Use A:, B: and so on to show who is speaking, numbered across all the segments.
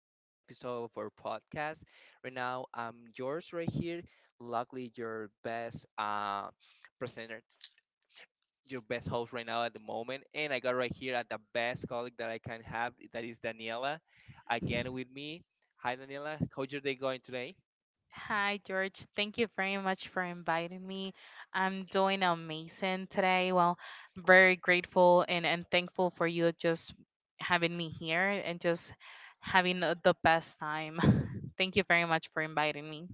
A: other episode of our podcast. Right now, I'm yours right here. Luckily, your best presenter, your best host right now at the moment. And I got right here at the best colleague that I can have. That is Daniela, again with me. Hi, Daniela. How's your day going today?
B: Hi, George. Thank you very much for inviting me. I'm doing amazing today. Well, very grateful and thankful for you just having me here and just having the best time. Thank you very much for inviting me.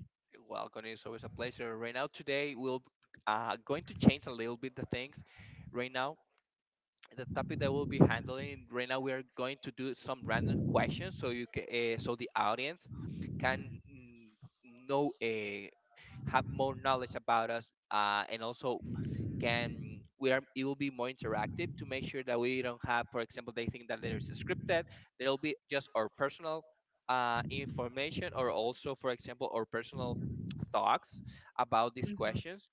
A: Welcome. It's always a pleasure. Right now, today we'll going to change a little bit the things. Right now, the topic that we'll be handling right now we are going to do some random questions so you can so the audience can mm, know have more knowledge about us and also can we are it will be more interactive to make sure that we don't have, for example, they think that there's a scripted there'll be just our personal information or also, for example, our personal thoughts about these
B: hmm
A: questions.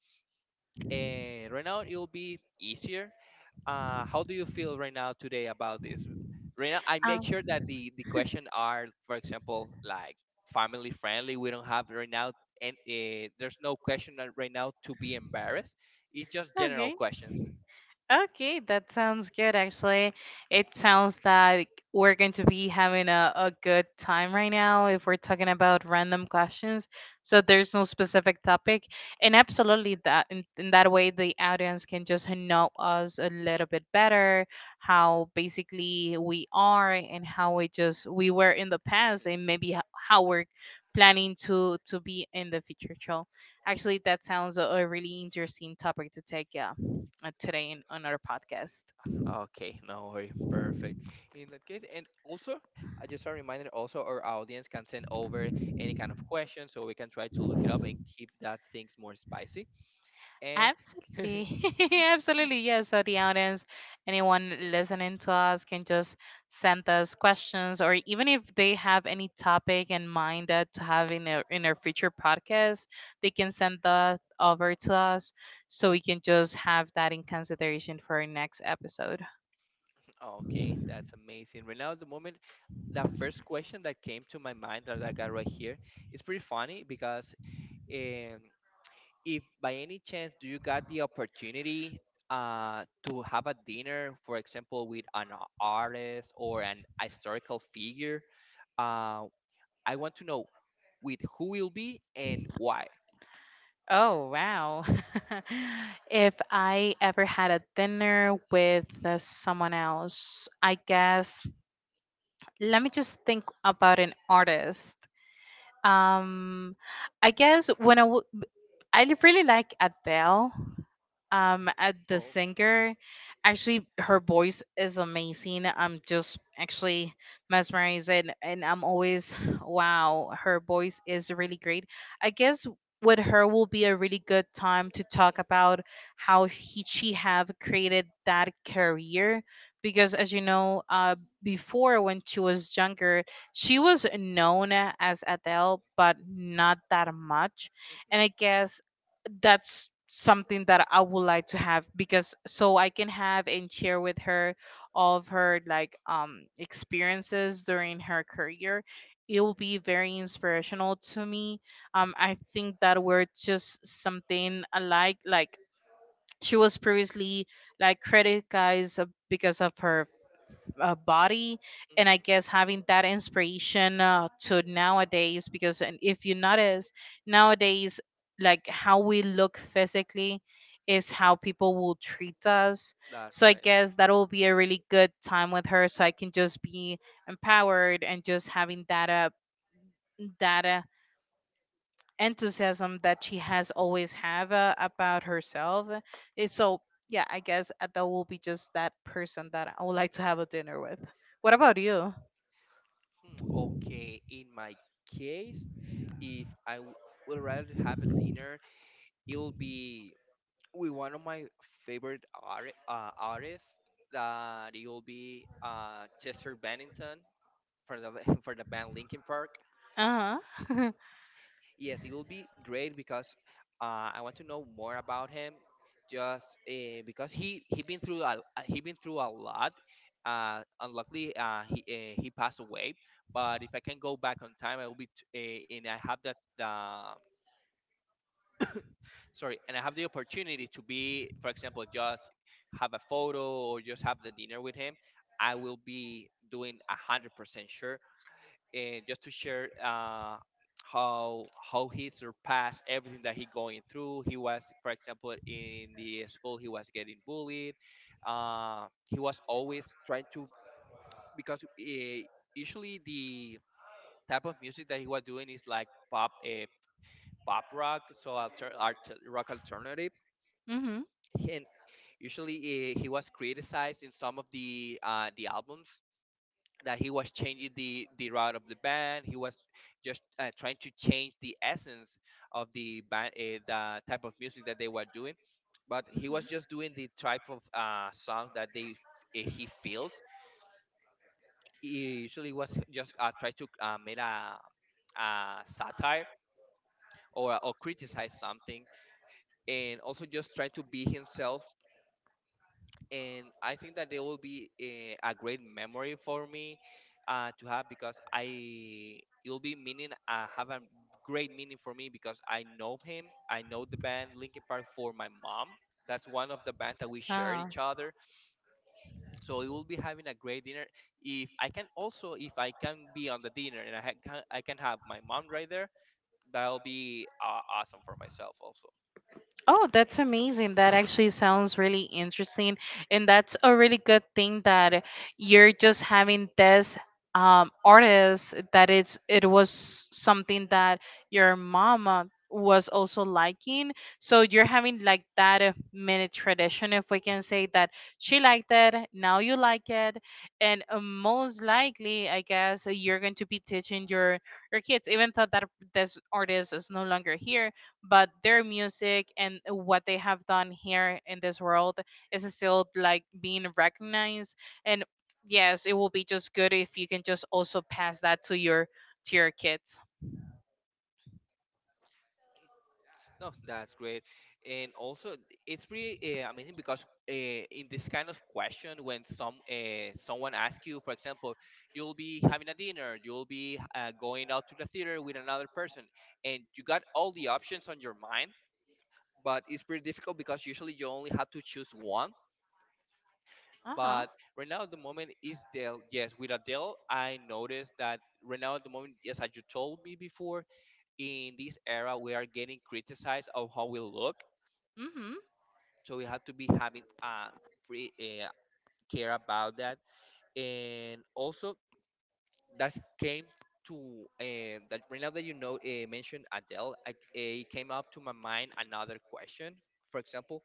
A: And right now it will be easier. Uh, how do you feel right now today about this? Right now, I make
B: Um,
A: sure that the question are, for example, like family friendly. We don't have right now, and there's no question that right now to be embarrassed. It's just general
B: okay.
A: questions.
B: Okay, that sounds good actually. It sounds that we're going to be having a good time right now if we're talking about random questions. So there's no specific topic. And absolutely that in that way the audience can just know us a little bit better, how basically we are and how we just we were in the past
A: Mhm.
B: and maybe how we're planning to be in the future. So actually that sounds a really interesting topic to take, yeah, today in on our podcast.
A: Okay, no worry, perfect. In that case, and also, I just a reminder. Also, our audience can send over any kind of question, so we can try to look it up and keep that things more spicy. And
B: Absolutely. Absolutely. Yeah. So the audience, anyone listening to us can just send us questions or even if they have any topic in mind that to have in their future podcast, they can send that over to us so we can just have that in consideration for our next episode.
A: okay, that's amazing. Right now, at the moment, the first question that came to my mind that I got right here is pretty funny because, um, if by any chance do you got the opportunity to have a dinner, for example, with an artist or an historical figure, uh, I want to know with who will be and why.
B: Oh wow. If I ever had a dinner with someone else, I guess let me just think about an artist. Um, I guess when really like Adele, at the
A: Oh,
B: singer, actually her voice is amazing. I'm just actually mesmerized, and I'm always wow, her voice is really great. I guess with her will be a really good time to talk about how she have created that career because as you know, before, when she was younger, she was known as Adele but not that much. And I
A: mm-hmm,
B: guess that's something that I would like to have because so I can have and share with her all of her like, experiences during her career. It will be very inspirational to me. I think that we're just something alike. Like, she was previously like criticized, because of her body. And I
A: mm-hmm.
B: guess having that inspiration, to nowadays because and if you notice nowadays like how we look physically is how people will treat us.
A: That's
B: So I
A: right.
B: guess that will be a really good time with her so I can just be empowered and just having that that uh, enthusiasm that she has always have, about herself. It's so, yeah, I guess that will be just that person that I would like to have a dinner with. What about you?
A: Hmm. Okay, in my case, if I w- would rather have a dinner, it will be with one of my favorite artists that it will be Chester Bennington for the for the band Linkin Park.
B: Uh-huh.
A: Yes, it will be great because I want to know more about him. Just because he been through a he been through a lot. Unluckily, he passed away. But if I can go back on time, I will be t- and I have that. Sorry, and I have the opportunity to be, for example, just have a photo or just have the dinner with him. I will be doing 100% sure, and just to share how how he surpassed everything that he going through. He was, for example, in the school he was getting bullied. Uh, he was always trying to because usually the type of music that he was doing is like pop pop rock, so rock alternative.
B: Mhm.
A: And. Usually, he was criticized in some of the albums that he was changing the route of the band. He was just trying to change the essence of the band, the type of music that they were doing. But he was
B: Mhm.
A: just doing the type of songs that they he feels. He usually was just try to make a satire or criticize something, and also just try to be himself. And I think that they will be a great memory for me to have because I it will be meaning have a great meaning for me because I know him. I know the band Linkin Park for my mom. That's one of the bands that we shared
B: Ah.
A: each other. So it will be having a great dinner. If I can also, if I can be on the dinner and I can have my mom right there, that'll be awesome for myself also.
B: Oh, that's amazing. That actually sounds really interesting. And that's a really good thing that you're just having this artist that it's it was something that your mama was also liking. So you're having like that mini tradition, if we can say, that she liked it, now you like it. And most likely, I guess you're going to be teaching your kids even though that this artist is no longer here, but their music and what they have done here in this world is still like being recognized. And yes, it will be just good if you can just also pass that to your kids.
A: No, that's great, and also it's pretty amazing because uh, in this kind of question, when someone asks you, for example, you'll be having a dinner, you'll be going out to the theater with another person, and you got all the options on your mind, but it's pretty difficult because usually you only have to choose one.
B: Uh-huh.
A: But right now at the moment is Dell. Yes, with Adele, I noticed that right now at the moment, yes, as you told me before, in this era we are getting criticized of how we look.
B: Mm-hmm.
A: So we have to be having pre, uh care about that, and also that came to that right now that you know mentioned Adele, it came up to my mind another question, for example,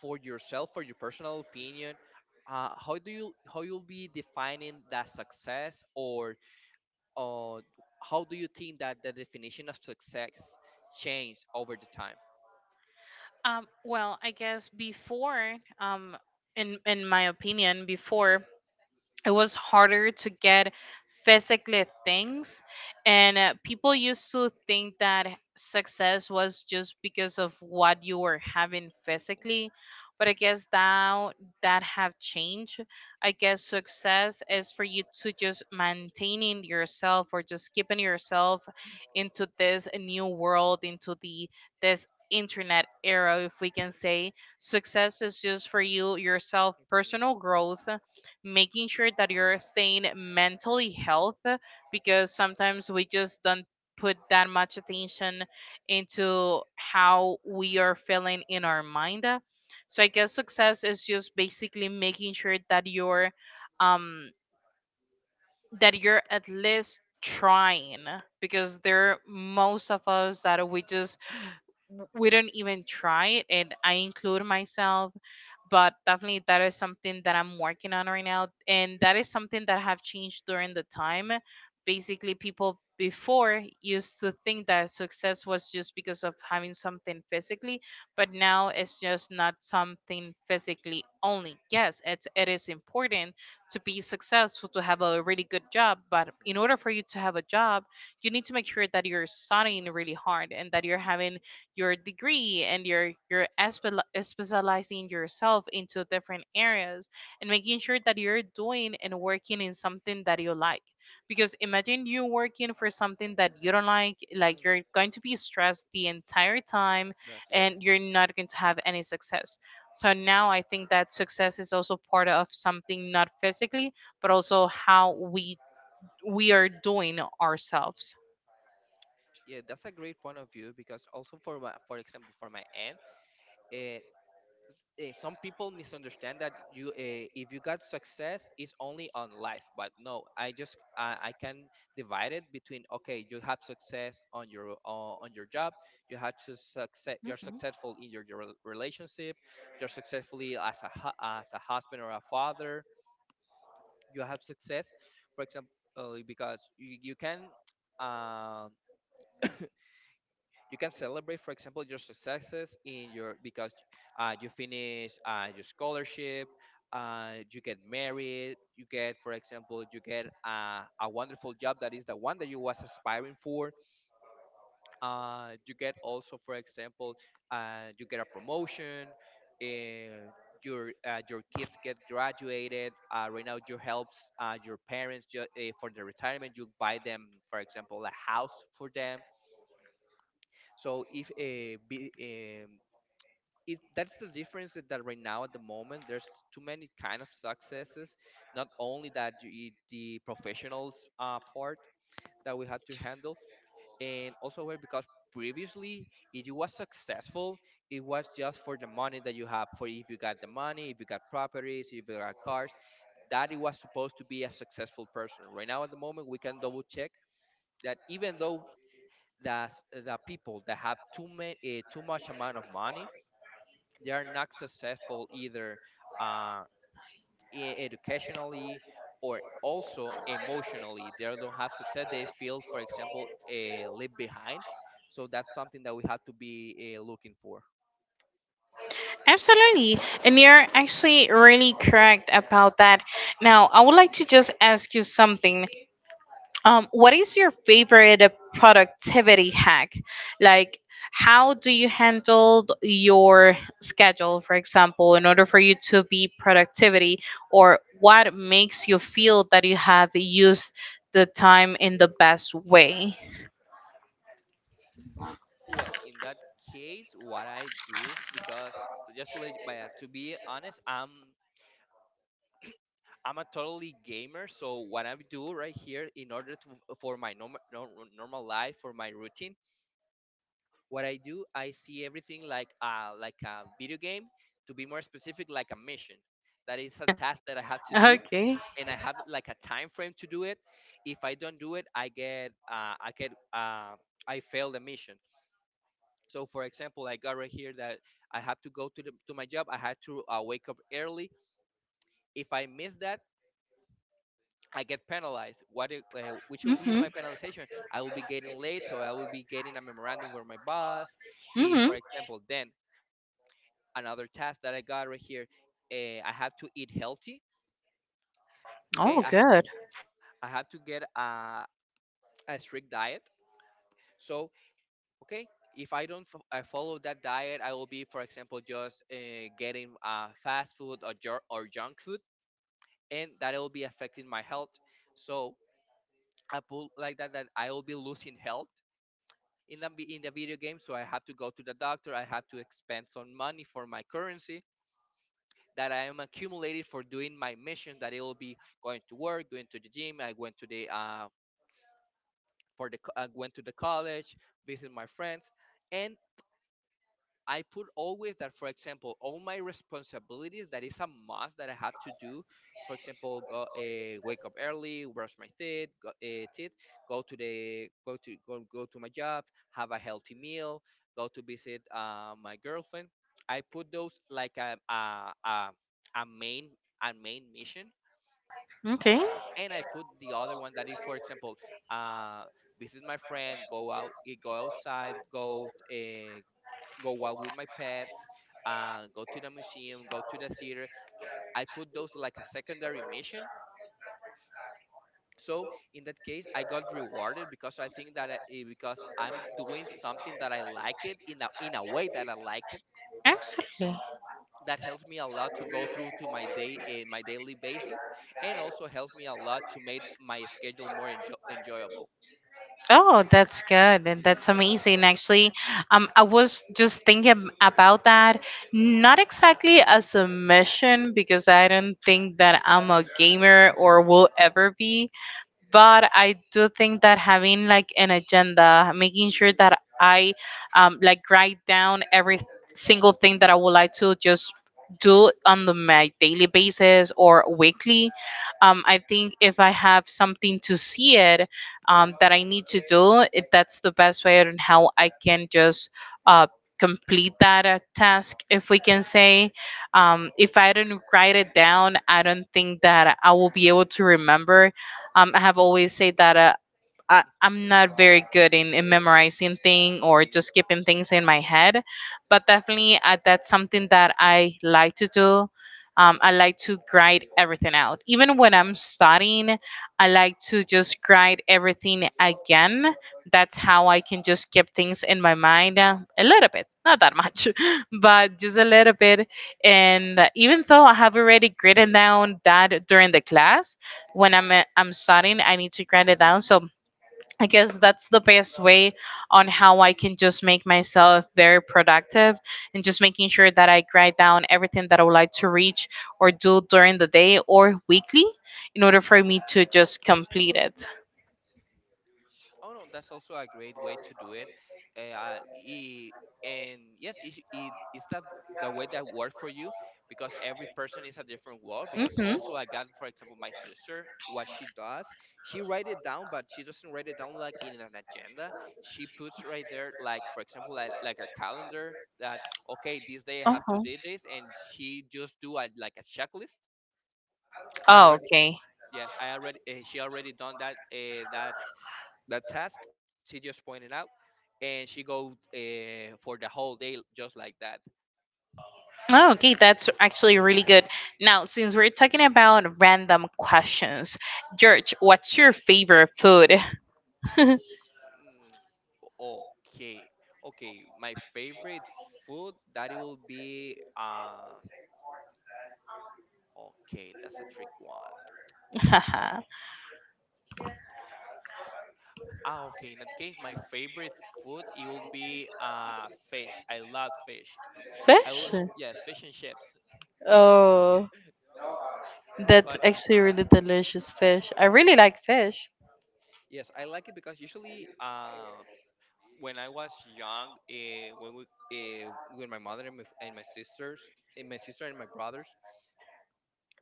A: for yourself, for your personal opinion. Uh, how do you how you'll be defining that success, or uh, how do you think that the definition of success changed over the time?
B: well, I guess before, in my opinion, before it was harder to get physically things. And people used to think that success was just because of what you were having
A: Hmm.
B: physically. But I guess now that have changed. I guess success is for you to just maintaining yourself or just keeping yourself into this new world, into the this internet era, if we can say. Success is just for you yourself personal
A: Hmm.
B: growth, making sure that you're staying mentally health, because sometimes we just don't put that much attention into how we are feeling in our mind. So I guess success is just basically making sure that you're, um that you're at least trying, because there most of us that we just we don't even try it, and I include myself. But definitely that is something that I'm working on right now, and that is something that have changed during the time. Basically people before used to think that success was just because of having something physically, but now it's just not something physically only. Yes, it's it is important to be successful to have a really good job, but in order for you to have a job, you need to make sure that you're studying really hard and that you're having your degree and you're specializing yourself into different areas and making sure that you're doing and working in something that you like, because imagine you working for something that you don't like. Like,
A: mm,
B: you're going to be stressed the entire time
A: yes.
B: and you're not going to have any success. So now I think that success is also part of something not physically but also how we are doing ourselves.
A: Yeah, that's a great point of view because also for my, for example, for my aunt, uh, some people misunderstand that you if you got success it's only on life, but no, I just I can divide it between okay, you have success on your job, you had to success, you're successful in your relationship, you're successfully as a as a husband or a father, you have success, for example, because you can. Um, you can celebrate, for example, your successes in your because you finish your scholarship, you get married, you get, for example, you get a wonderful job that is the one that you was aspiring for, you get also, for example, you get a promotion, and your kids get graduated. Uh, right now you helps your parents for their retirement, you buy them, for example, a house for them. So if be, um, it that's the difference that, that right now at the moment there's too many kind of successes, not only that you eat the professionals part that we had to handle, and also where because previously if you was successful it was just for the money that you have for. If you got the money, if you got properties, if you got cars, that it was supposed to be a successful person. Right now at the moment we can double check that even though that the people that have too much amount of money, they are not successful either. uh, Educationally or also emotionally they don't have success. They feel, for example, leave behind. So that's something that we have to be looking for.
B: Absolutely. And you're actually really correct about that. Now, I would like to just ask you something. What is your favorite, productivity hack? Like, how do you handle your schedule, for example, in order for you to be productivity, or what makes you feel that you have used the time in the best way?
A: Well, in that case, what I do because just to, let, but, to be honest i'm a totally gamer, so what I do right here in order to for my normal life for my routine, what I do, I see everything like like a video game. To be more specific, like a mission. That is a task that I have to do,
B: Okay.
A: and I have like a time frame to do it. If I don't do it, I fail the mission. So, for example, I got right here that I have to go to the, to my job. I had to wake up early. If I miss that, I get penalized. Which will be
B: Mhm.
A: my penalization? I will be getting late, so I will be getting a memorandum from my boss. If,
B: Mhm.
A: for example, then another task that I got right here. I have to eat healthy. Okay,
B: Oh, good.
A: I have to get a strict diet. So okay, if I don't f- I follow that diet, I will be, for example, just getting fast food or junk food, and that will be affecting my health. So I put like that that I will be losing health in the in the video game. So I have to go to the doctor. I have to expend some money for my currency that I am accumulated for doing my mission. That it will be going to work, going to the gym. I went to the I went to the college, visit my friends, and I put always that, for example, all my responsibilities that is a must that I have to do. For example, go wake up early, brush my teeth, teeth, go to the go to go, go to my job, have a healthy meal, go to visit my girlfriend. I put those like a main a main mission,
B: Okay.
A: and I put the other one that is, for example, uh, visit my friend, go out, go outside, go walk with my pets, go to the museum, go to the theater. I put those like a secondary mission. So in that case, I got rewarded because I think that because I'm doing something that I like it in a way that I like it.
B: Absolutely.
A: That helps me a lot to go through to my day my daily basis, and also helps me a lot to make my schedule more enjoyable.
B: Oh, that's good. And that's amazing. Actually, I was just thinking about that, not exactly as a mission, because I don't think that I'm a gamer or will ever be, but I do think that having like an agenda, making sure that I, like, write down every single thing that I would like to just do on the, my daily basis or weekly. I think if I have something to see it, that I need to do, it, that's the best way on how I can just, uh, complete that task, if we can say. If I don't write it down, I don't think that I will be able to remember. I have always said that, I'm not very good in memorizing things or just keeping things in my head, but definitely, that's something that I like to do. I like to grind everything out. Even when I'm studying, I like to just grind everything again. That's how I can just keep things in my mind, a little bit, not that much, but just a little bit. And even though I have already written down that during the class, when I'm studying, I need to grind it down. So I guess that's the best way on how I can just make myself very productive and just making sure that I write down everything that I would like to reach or do during the day or weekly in order for me to just complete it.
A: Oh no, that's also a great way to do it. Uh, i- and yes, it's that the way that worked for you, because every person is a different world. Because
B: Mm-hmm.
A: also, I got, for example, my sister. What she does, she write it down, but she doesn't write it down like in an agenda. She puts right there, like for example, like a calendar that, okay, this day I have to
B: Uh-huh.
A: do this, and she just do a, like a checklist. I
B: Oh,
A: already
B: okay.
A: Yes, I already she already done that that task she just pointed out, and she go for the whole day just like that.
B: Oh, okay, that's actually really good. Now, since we're talking about random questions, George, what's your favorite food?
A: Mm, okay. Okay my favorite food that it will be okay, that's a trick one. Ah, okay, in that case, my favorite food, it will be fish. I love fish. I
B: Fish?
A: will, yes, fish and chips.
B: Oh, that's
A: But
B: actually really delicious fish. I really like fish.
A: yes, I like it because usually, when I was young, when we uh, with my mother and my sister and my brothers,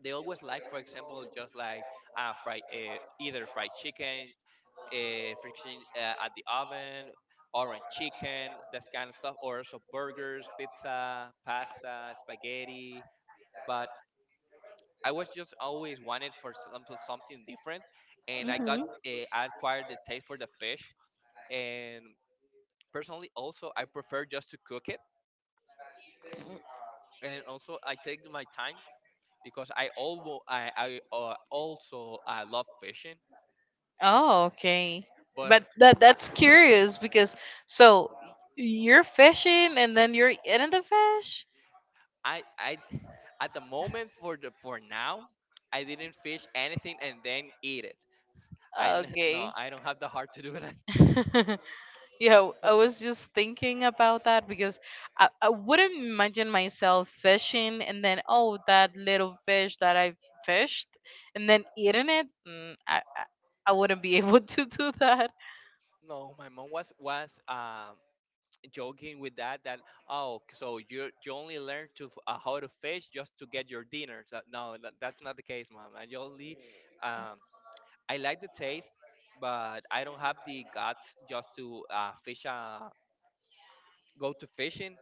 A: they always like, for example, just like fried either fried chicken, friction at the oven, orange chicken, that kind of stuff, or also burgers, pizza, pasta, spaghetti. But I was just always wanted for something different, and
B: Hmm.
A: I acquired the taste for the fish. And personally also I prefer just to cook it, and also I take my time because I alwo I also I love fishing.
B: Oh, okay.
A: But
B: But that
A: I,
B: that's curious because so you're fishing and then you're eating the fish?
A: I at the moment, for the for now, I didn't fish anything and then eat it. No,
B: Okay.
A: I don't have the heart to do that.
B: Yeah,
A: But
B: I was just thinking about that because I wouldn't imagine myself fishing and then oh that little fish that I fished and then eating it. Mm, I wouldn't be able to do that.
A: no, my mom was joking with that that, oh, so you only learn to how to fish just to get your dinner. So no, that's not the case, mom. I only, um I like the taste, but I don't have the guts just to fish. Go to fishing,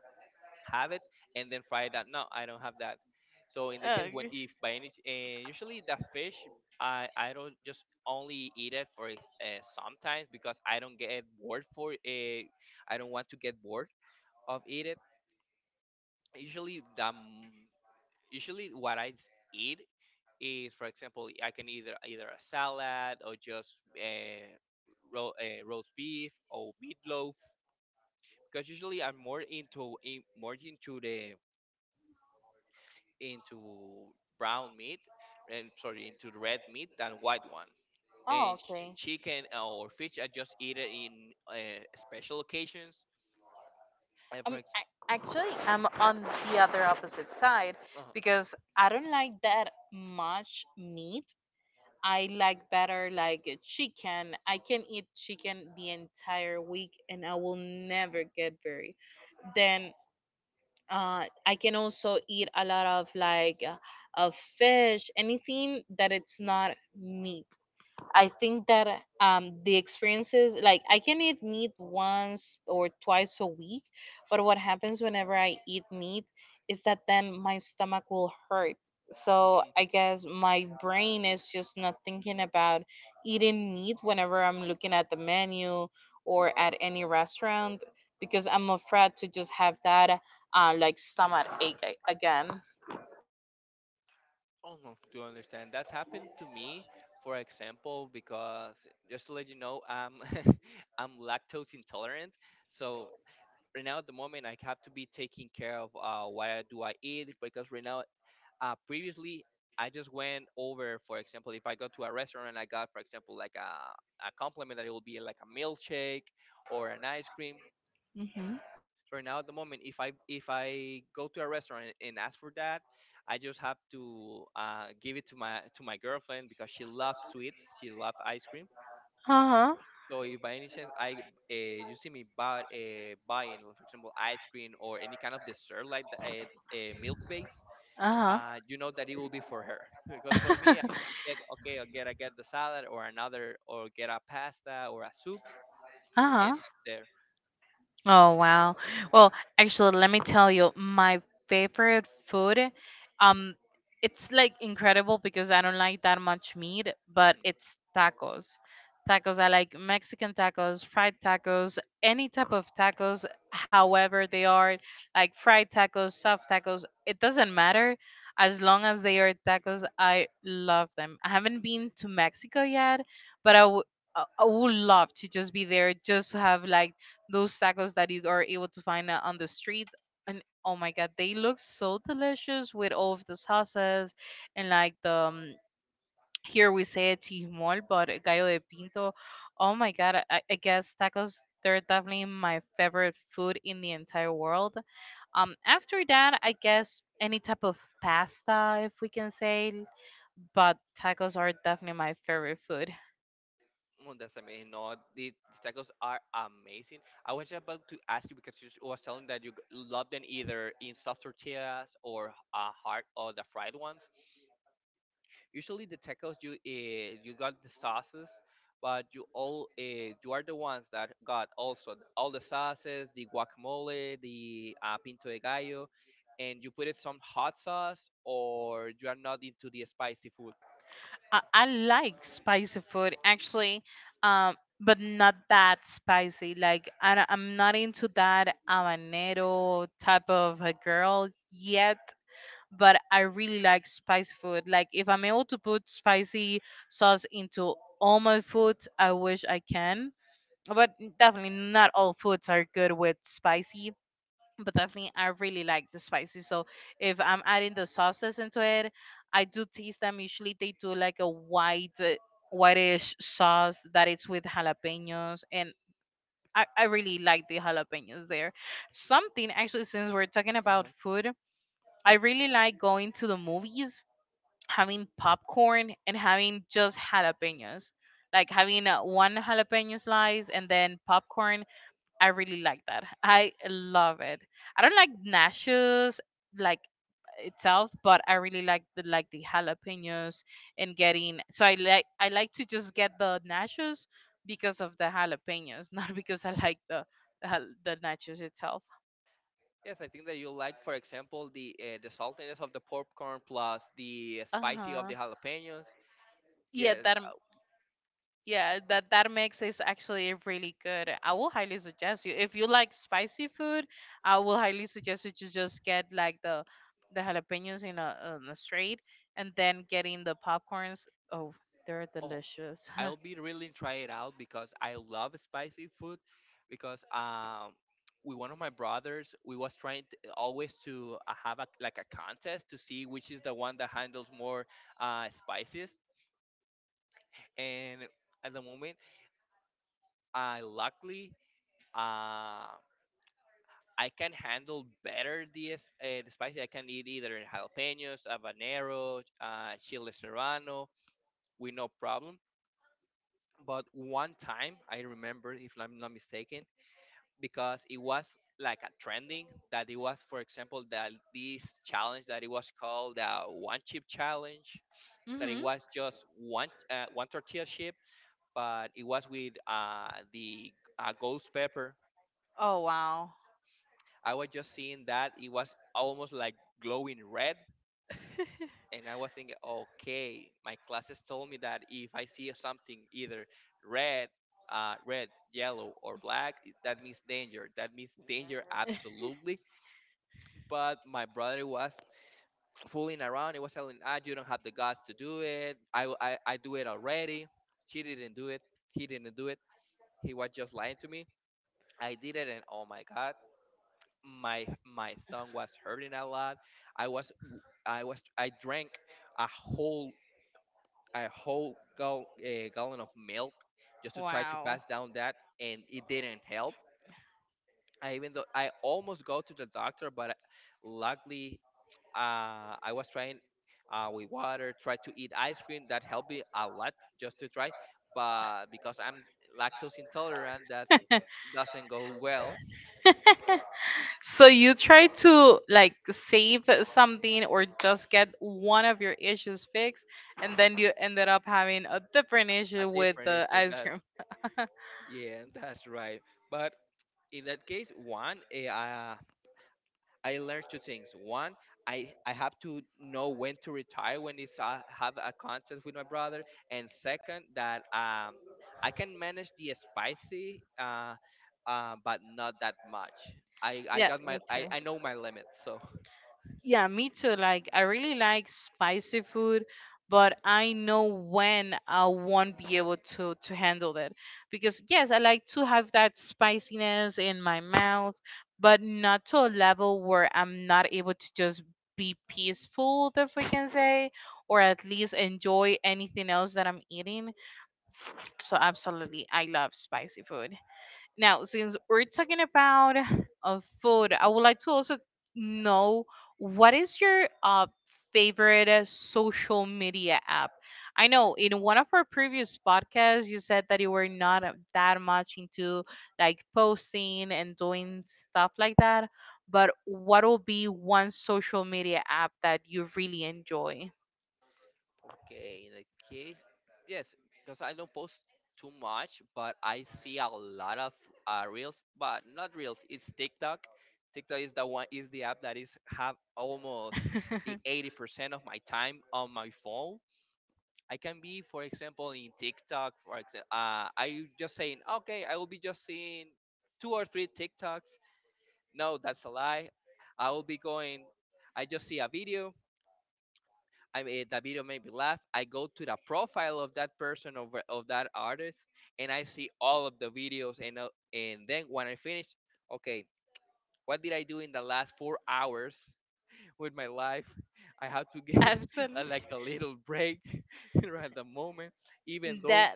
A: have it, and then fry that. No, I don't have that. So in the case when,
B: Okay.
A: if by any and usually the fish, I don't just only eat it for sometimes, because I don't get bored for it. I don't want to get bored of eat it. Usually the m- usually what I eat is, for example, I can either a salad or just roast beef or meatloaf. Because usually I'm more more into the into brown meat, and sorry, into the red meat than white one. And
B: Oh, okay.
A: chicken or fish, I just eat it in special occasions. And
B: Actually, I'm on the other opposite side
A: uh-huh.
B: because I don't like that much meat. I like better like a chicken. I can eat chicken the entire week and I will never get very. Then I can also eat a lot of like, of fish, anything that it's not meat. I think that, the experiences, like I can eat meat once or twice a week, but what happens whenever I eat meat is that then my stomach will hurt. So I
A: Mm.
B: guess my brain is just not thinking about eating meat whenever I'm looking at the menu or at any restaurant because I'm afraid to just have that, like, stomach ache again.
A: Oh no, do understand. That's happened to me, for example, because just to let you know, I'm lactose intolerant. So right now at the moment, I have to be taking care of what do I eat, because right now, previously, I just went over, for example, if I go to a restaurant and I got, for example, like a compliment that it will be like a milkshake or an ice cream.
B: Hmm.
A: So right now at the moment, if I go to a restaurant and ask for that, I just have to give it to my girlfriend because she loves sweets, she loves ice cream.
B: Uh huh.
A: So if by any chance I uh, you see me buying, for example, ice cream or any kind of dessert like milk base,
B: Uh huh.
A: you know that it will be for her, because for me, I get okay, I get the salad or another, or get a pasta or a soup,
B: uh
A: and
B: huh.
A: I'm there.
B: Oh wow. Well, actually, let me tell you, my favorite food, um, it's like incredible because I don't like that much meat, but
A: Mm-hmm.
B: it's tacos. Tacos, I like Mexican tacos, fried tacos, any type of tacos, however they are, like fried tacos, soft tacos, it doesn't matter. As long as they are tacos, I love them. I haven't been to Mexico yet, but I would love to just be there, just to have like those tacos that you are able to find on the street. And oh my god, they look so delicious with all of the sauces and like the here we say it tijmol but gallo de pinto. Oh my god, I guess tacos, they're definitely my favorite food in the entire world. After that, I guess any type of pasta, if we can say. But tacos are definitely my favorite food.
A: Well, that's amazing. No, the tacos are amazing. I was just about to ask you because was telling that you love them either in soft tortillas or hard or the fried ones. Usually, the tacos, you got the sauces, but you are the ones that got also all the sauces, the guacamole, the pinto de gallo, and you put it some hot sauce, or you are not into the spicy food.
B: I like spicy food actually, um, but not that spicy. Like I'm not into that habanero type of a girl yet. But I really like spicy food. Like if I'm able to put spicy sauce into all my food, I wish I can. But definitely not all foods are good with spicy, but definitely I really like the spicy. So if I'm adding the sauces into it, I do taste them. Usually they do like a white, whitish sauce that it's with jalapenos, and I really like the jalapenos there. Something actually, since we're talking about
A: Mhm.
B: food, I really like going to the movies, having popcorn, and having just jalapenos. Like having one jalapeno slice and then popcorn, I really like that. I love it. I don't like nachos like itself, but I really like the jalapenos and getting. So I like to just get the nachos because of the jalapenos, not because I like the the nachos itself.
A: Yes, I think that you like, for example, the saltiness of the popcorn plus the
B: Uh
A: spicy of
B: huh.
A: the jalapenos.
B: Yeah,
A: Yeah.
B: that. Yeah, that that mix is actually really good. I will highly suggest you if you like spicy food. I will highly suggest you to just get like the jalapenos in a straight, and then getting the popcorns. Oh, they're
A: Oh,
B: delicious.
A: I'll be really try it out because I love spicy food. Because with one of my brothers, we was trying t always to have a, like a contest to see which is the one that handles more spices. And at the moment, I luckily, uh, I can handle better the spicy. I can eat either jalapenos, habanero, chile serrano with no problem. But one time, I remember, if I'm not mistaken, because it was like a trending that it was, for example, that this challenge that it was called the one chip challenge. That it
B: Mhm.
A: was just one tortilla chip, but it was with the ghost pepper.
B: Oh wow,
A: I was just seeing that it was almost like glowing red, and I was thinking, okay, my classes told me that if I see something either red, red, yellow, or black, that means danger. That means danger, absolutely. But my brother was fooling around. He was telling, ah, you don't have the guts to do it. I do it already. She didn't do it. He didn't do it. He was just lying to me. I did it, and oh my god, my my thumb was hurting a lot. I was I drank a whole a whole gallon of milk just to try to
B: wow.
A: pass down that, and it didn't help. I even though I almost go to the doctor, but luckily, I was trying, with water, tried to eat ice cream. That helped me a lot just to try, but because I'm lactose intolerant, that doesn't go well.
B: So you try to like save something or just get one of your issues fixed, and then you ended up having a different
A: A
B: issue with
A: different
B: the
A: issue.
B: ice
A: That,
B: cream.
A: yeah, that's right. But in that case, I learned two things. One, I have to know when to retire when it's I have a contest with my brother, and second, that I can manage the spicy, but not that much. I I
B: Yeah,
A: got my
B: me too.
A: I I know my limits, so.
B: Yeah, me too. Like, I really like spicy food, but I know when I won't be able to handle it. Because yes, I like to have that spiciness in my mouth, but not to a level where I'm not able to just be peaceful, if we can say, or at least enjoy anything else that I'm eating. So absolutely, I love spicy food. Now, since we're talking about food, I would like to also know what is your favorite social media app? I know in one of our previous podcasts, you said that you were not that much into like posting and doing stuff like that, but what will be one social media app that you really enjoy?
A: Okay, in that case, yes, because I don't post too much, but I see a lot of reels, but not reels. It's TikTok. TikTok is the one, is the app that is have almost the 80% of my time on my phone. I can be, for example, in TikTok. For example, I just saying, okay, I will be just seeing two or three TikToks. No, that's a lie. I will be going. I just see a video, I mean, that video made me laugh. I go to the profile of that person, of that artist, and I see all of the videos. And then when I finish, okay, what did I do in the last 4 hours, with my life? I have to get a,
B: Absolutely.
A: like a little break, right at the moment. Even though
B: That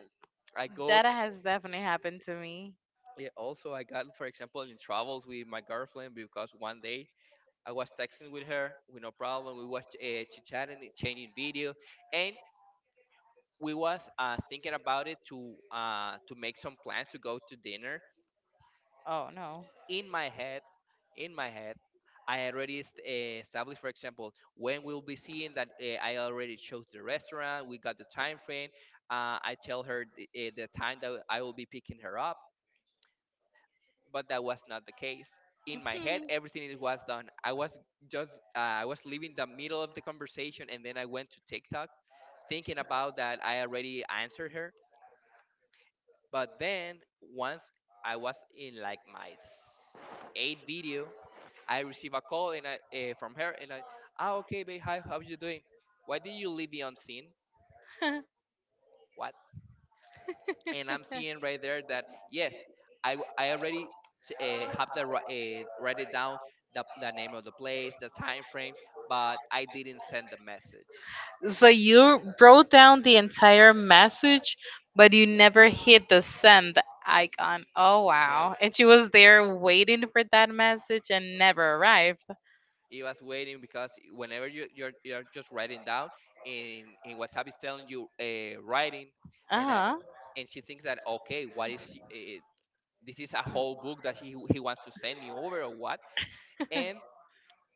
A: I got,
B: that has definitely happened to me.
A: yeah, also I got, for example, in travels with my girlfriend, because one day I was texting with her with no problem. We was chit chatting, changing video, and we was thinking about it to make some plans to go to dinner.
B: Oh no.
A: In my head, in my head, I already established, for example, when we'll be seeing that, I already chose the restaurant. We got the time frame. I tell her the, the time that I will be picking her up, but that was not the case. In my head, everything it was done. I was just I was leaving the middle of the conversation, and then I went to TikTok thinking about that. I already answered her. But then once I was in like my eighth video, I received a call, and I from her, and I, ah, okay, babe, hi, how you doing? Why did you leave me on scene? What? And I'm seeing right there that yes, I already have the, write it down the name of the place, the time frame, but I didn't send the message.
B: So you wrote down the entire message, but you never hit the send icon. Oh
A: No.
B: wow. And she was there waiting for that message and never arrived.
A: It was waiting because whenever you're just writing down and WhatsApp is telling you writing. And
B: Uh-huh.
A: and she thinks that, okay, what is she, this is a
B: Mm.
A: whole book that he wants to send me over, or what? And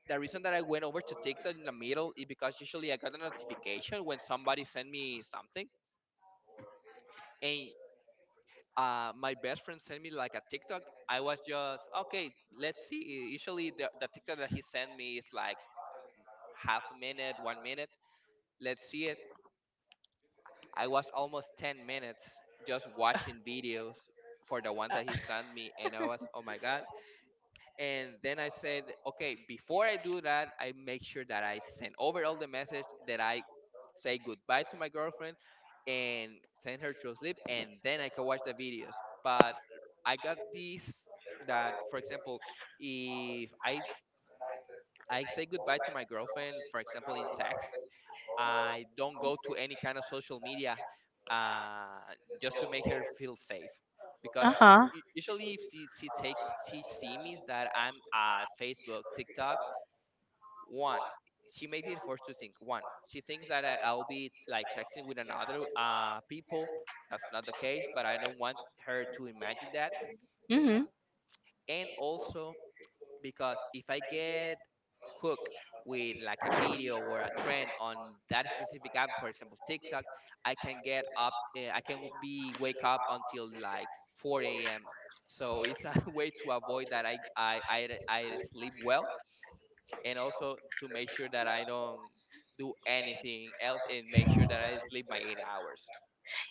A: the reason that I went over to TikTok in the middle is because usually I got a notification when somebody sent me something. And my best friend sent me like a TikTok. I was just, okay, let's see. Usually the TikTok that he sent me is like half a minute, 1 minute, let's see it. I was almost 10 minutes just watching videos for the ones that he
B: Uh,
A: sent me, and I was, oh my god. And then I said, okay, before I do that, I make sure that I send over all the message that I say goodbye to my girlfriend and send her to sleep, and then I can watch the videos. But I got this that, for example, if I I say goodbye to my girlfriend, for example, in text, I don't go to any kind of social media, uh, just to make her feel safe. Because
B: Uh-huh.
A: usually, if she, she takes she sees me that I'm at Facebook, TikTok, one, she makes it for two things. One, she thinks that I'll be like texting with another people. That's not the case, but I don't want her to imagine that.
B: Hmm.
A: And also, because if I get hooked with like a video or a trend on that specific app, for example TikTok, I can get up, I can be wake up until like 4 a.m. So it's a way to avoid that I sleep well, and also to make sure that I don't do anything else and make sure that I sleep my 8 hours.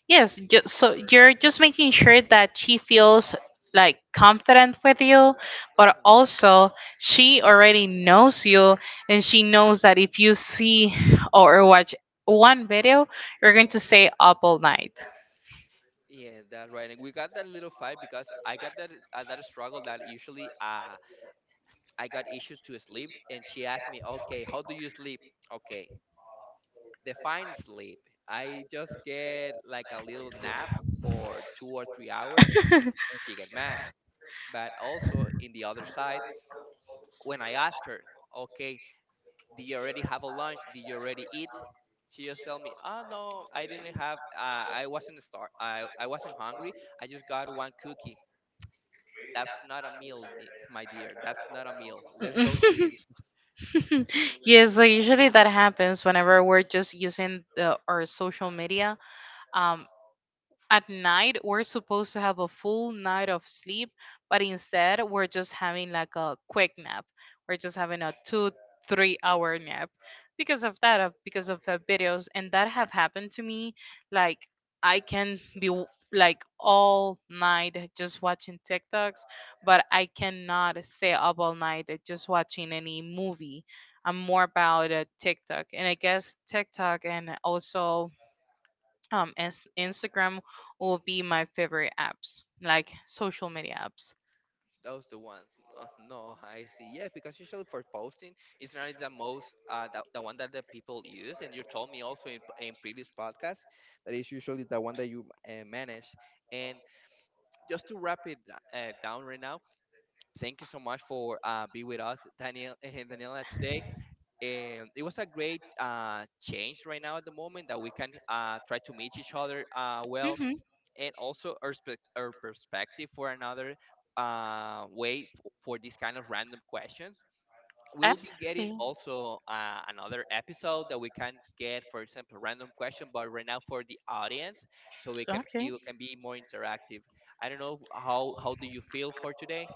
B: Yes, so you're just making sure that she feels like confident with you, but
A: Hmm.
B: also she already knows you, and she knows that if you see or watch one video, you're going to stay up all night.
A: Yeah, that's right. And we got that little fight because I got that struggle that usually, I got issues to sleep, and she asked me, "Okay, how do you sleep?" Okay, define sleep. I just get like a little nap for 2 or 3 hours, and she get mad. But also in the other side, when I ask her, "Okay, do you already have a lunch? Did you already eat?" She just tell me, "Oh no, I didn't have. I wasn't star. I wasn't hungry. I just got one cookie." That's not a meal, my dear. That's not a meal. Let's go to it.
B: Yes, so usually that happens whenever we're just using our social media. Um, At night, we're supposed to have a full night of sleep, but instead, we're just having like a quick nap. We're just having a two, 3 hour nap because because of the videos. And that have happened to me. Like, I can be like all night just watching TikToks, but I cannot stay up all night just watching any movie. I'm more about TikTok. And I guess TikTok and also as Instagram will be my favorite apps, like social media apps.
A: That was the one. Oh, no, I see. Yeah, because usually for posting, it's not the most the one that the people use. And you told me also in previous podcasts that is usually the one that you manage. And just to wrap it down right now, thank you so much for be with us, Daniel and Daniela, today. And it was a great change right now, at the moment that we can try to meet each other well,
B: Mhm.
A: and also our perspective for another way for these kind of random questions. We'll be getting
B: Absolutely.
A: also another episode that we can get, for example, random question, but right now for the audience, so we can
B: Okay.
A: you can be more interactive. I don't know how do you feel for today?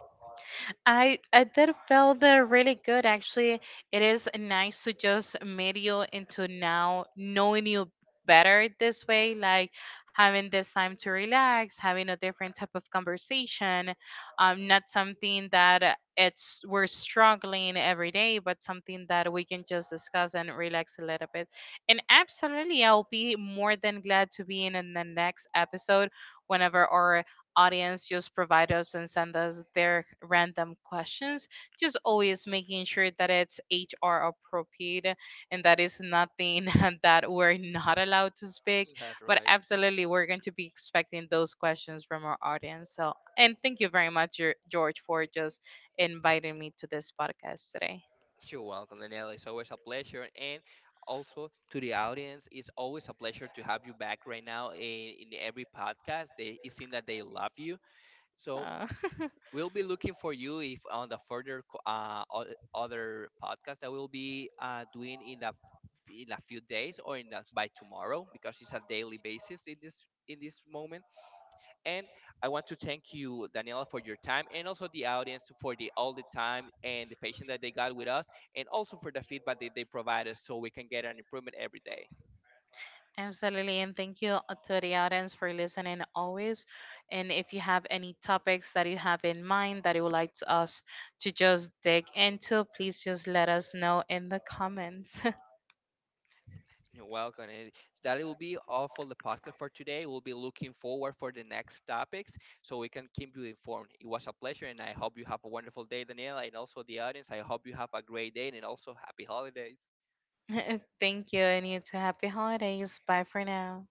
B: I did feel that really good actually. It is nice to just meet you into now knowing you better this way, like having this time to relax, having a different type of conversation, not something that it's we're struggling every day, but something that we can just discuss and relax a little bit. And absolutely, I'll be more than glad to be in the next episode whenever our audience just provide us and send us their random questions. Just always making sure that it's HR appropriate and that is nothing that we're not allowed to speak.
A: That's
B: But
A: right.
B: absolutely, we're going to be expecting those questions from our audience. So, and thank you very much, George, for just inviting me to this podcast today.
A: You're welcome, Danielle. It's always a pleasure. And also to the audience, it's always a pleasure to have you back right now in every podcast. They, it seems that they love you. So
B: Uh,
A: we'll be looking for you if on the other podcast that we'll be doing in a few days or in the, by tomorrow, because it's a daily basis in this, in this moment. And I want to thank you, Daniela, for your time, and also the audience for the all the time and the patience that they got with us, and also for the feedback that they provide us so we can get an improvement every day.
B: Absolutely, and thank you to the audience for listening always. And if you have any topics that you have in mind that you would like to us to just dig into, please just let us know in the comments.
A: You're welcome. And that will be all for the podcast for today. We'll be looking forward for the next topics so we can keep you informed. It was a pleasure, and I hope you have a wonderful day, Daniela, and also the audience. I hope you have a great day, and also happy holidays.
B: Thank you, and you too. Happy holidays. Bye for now.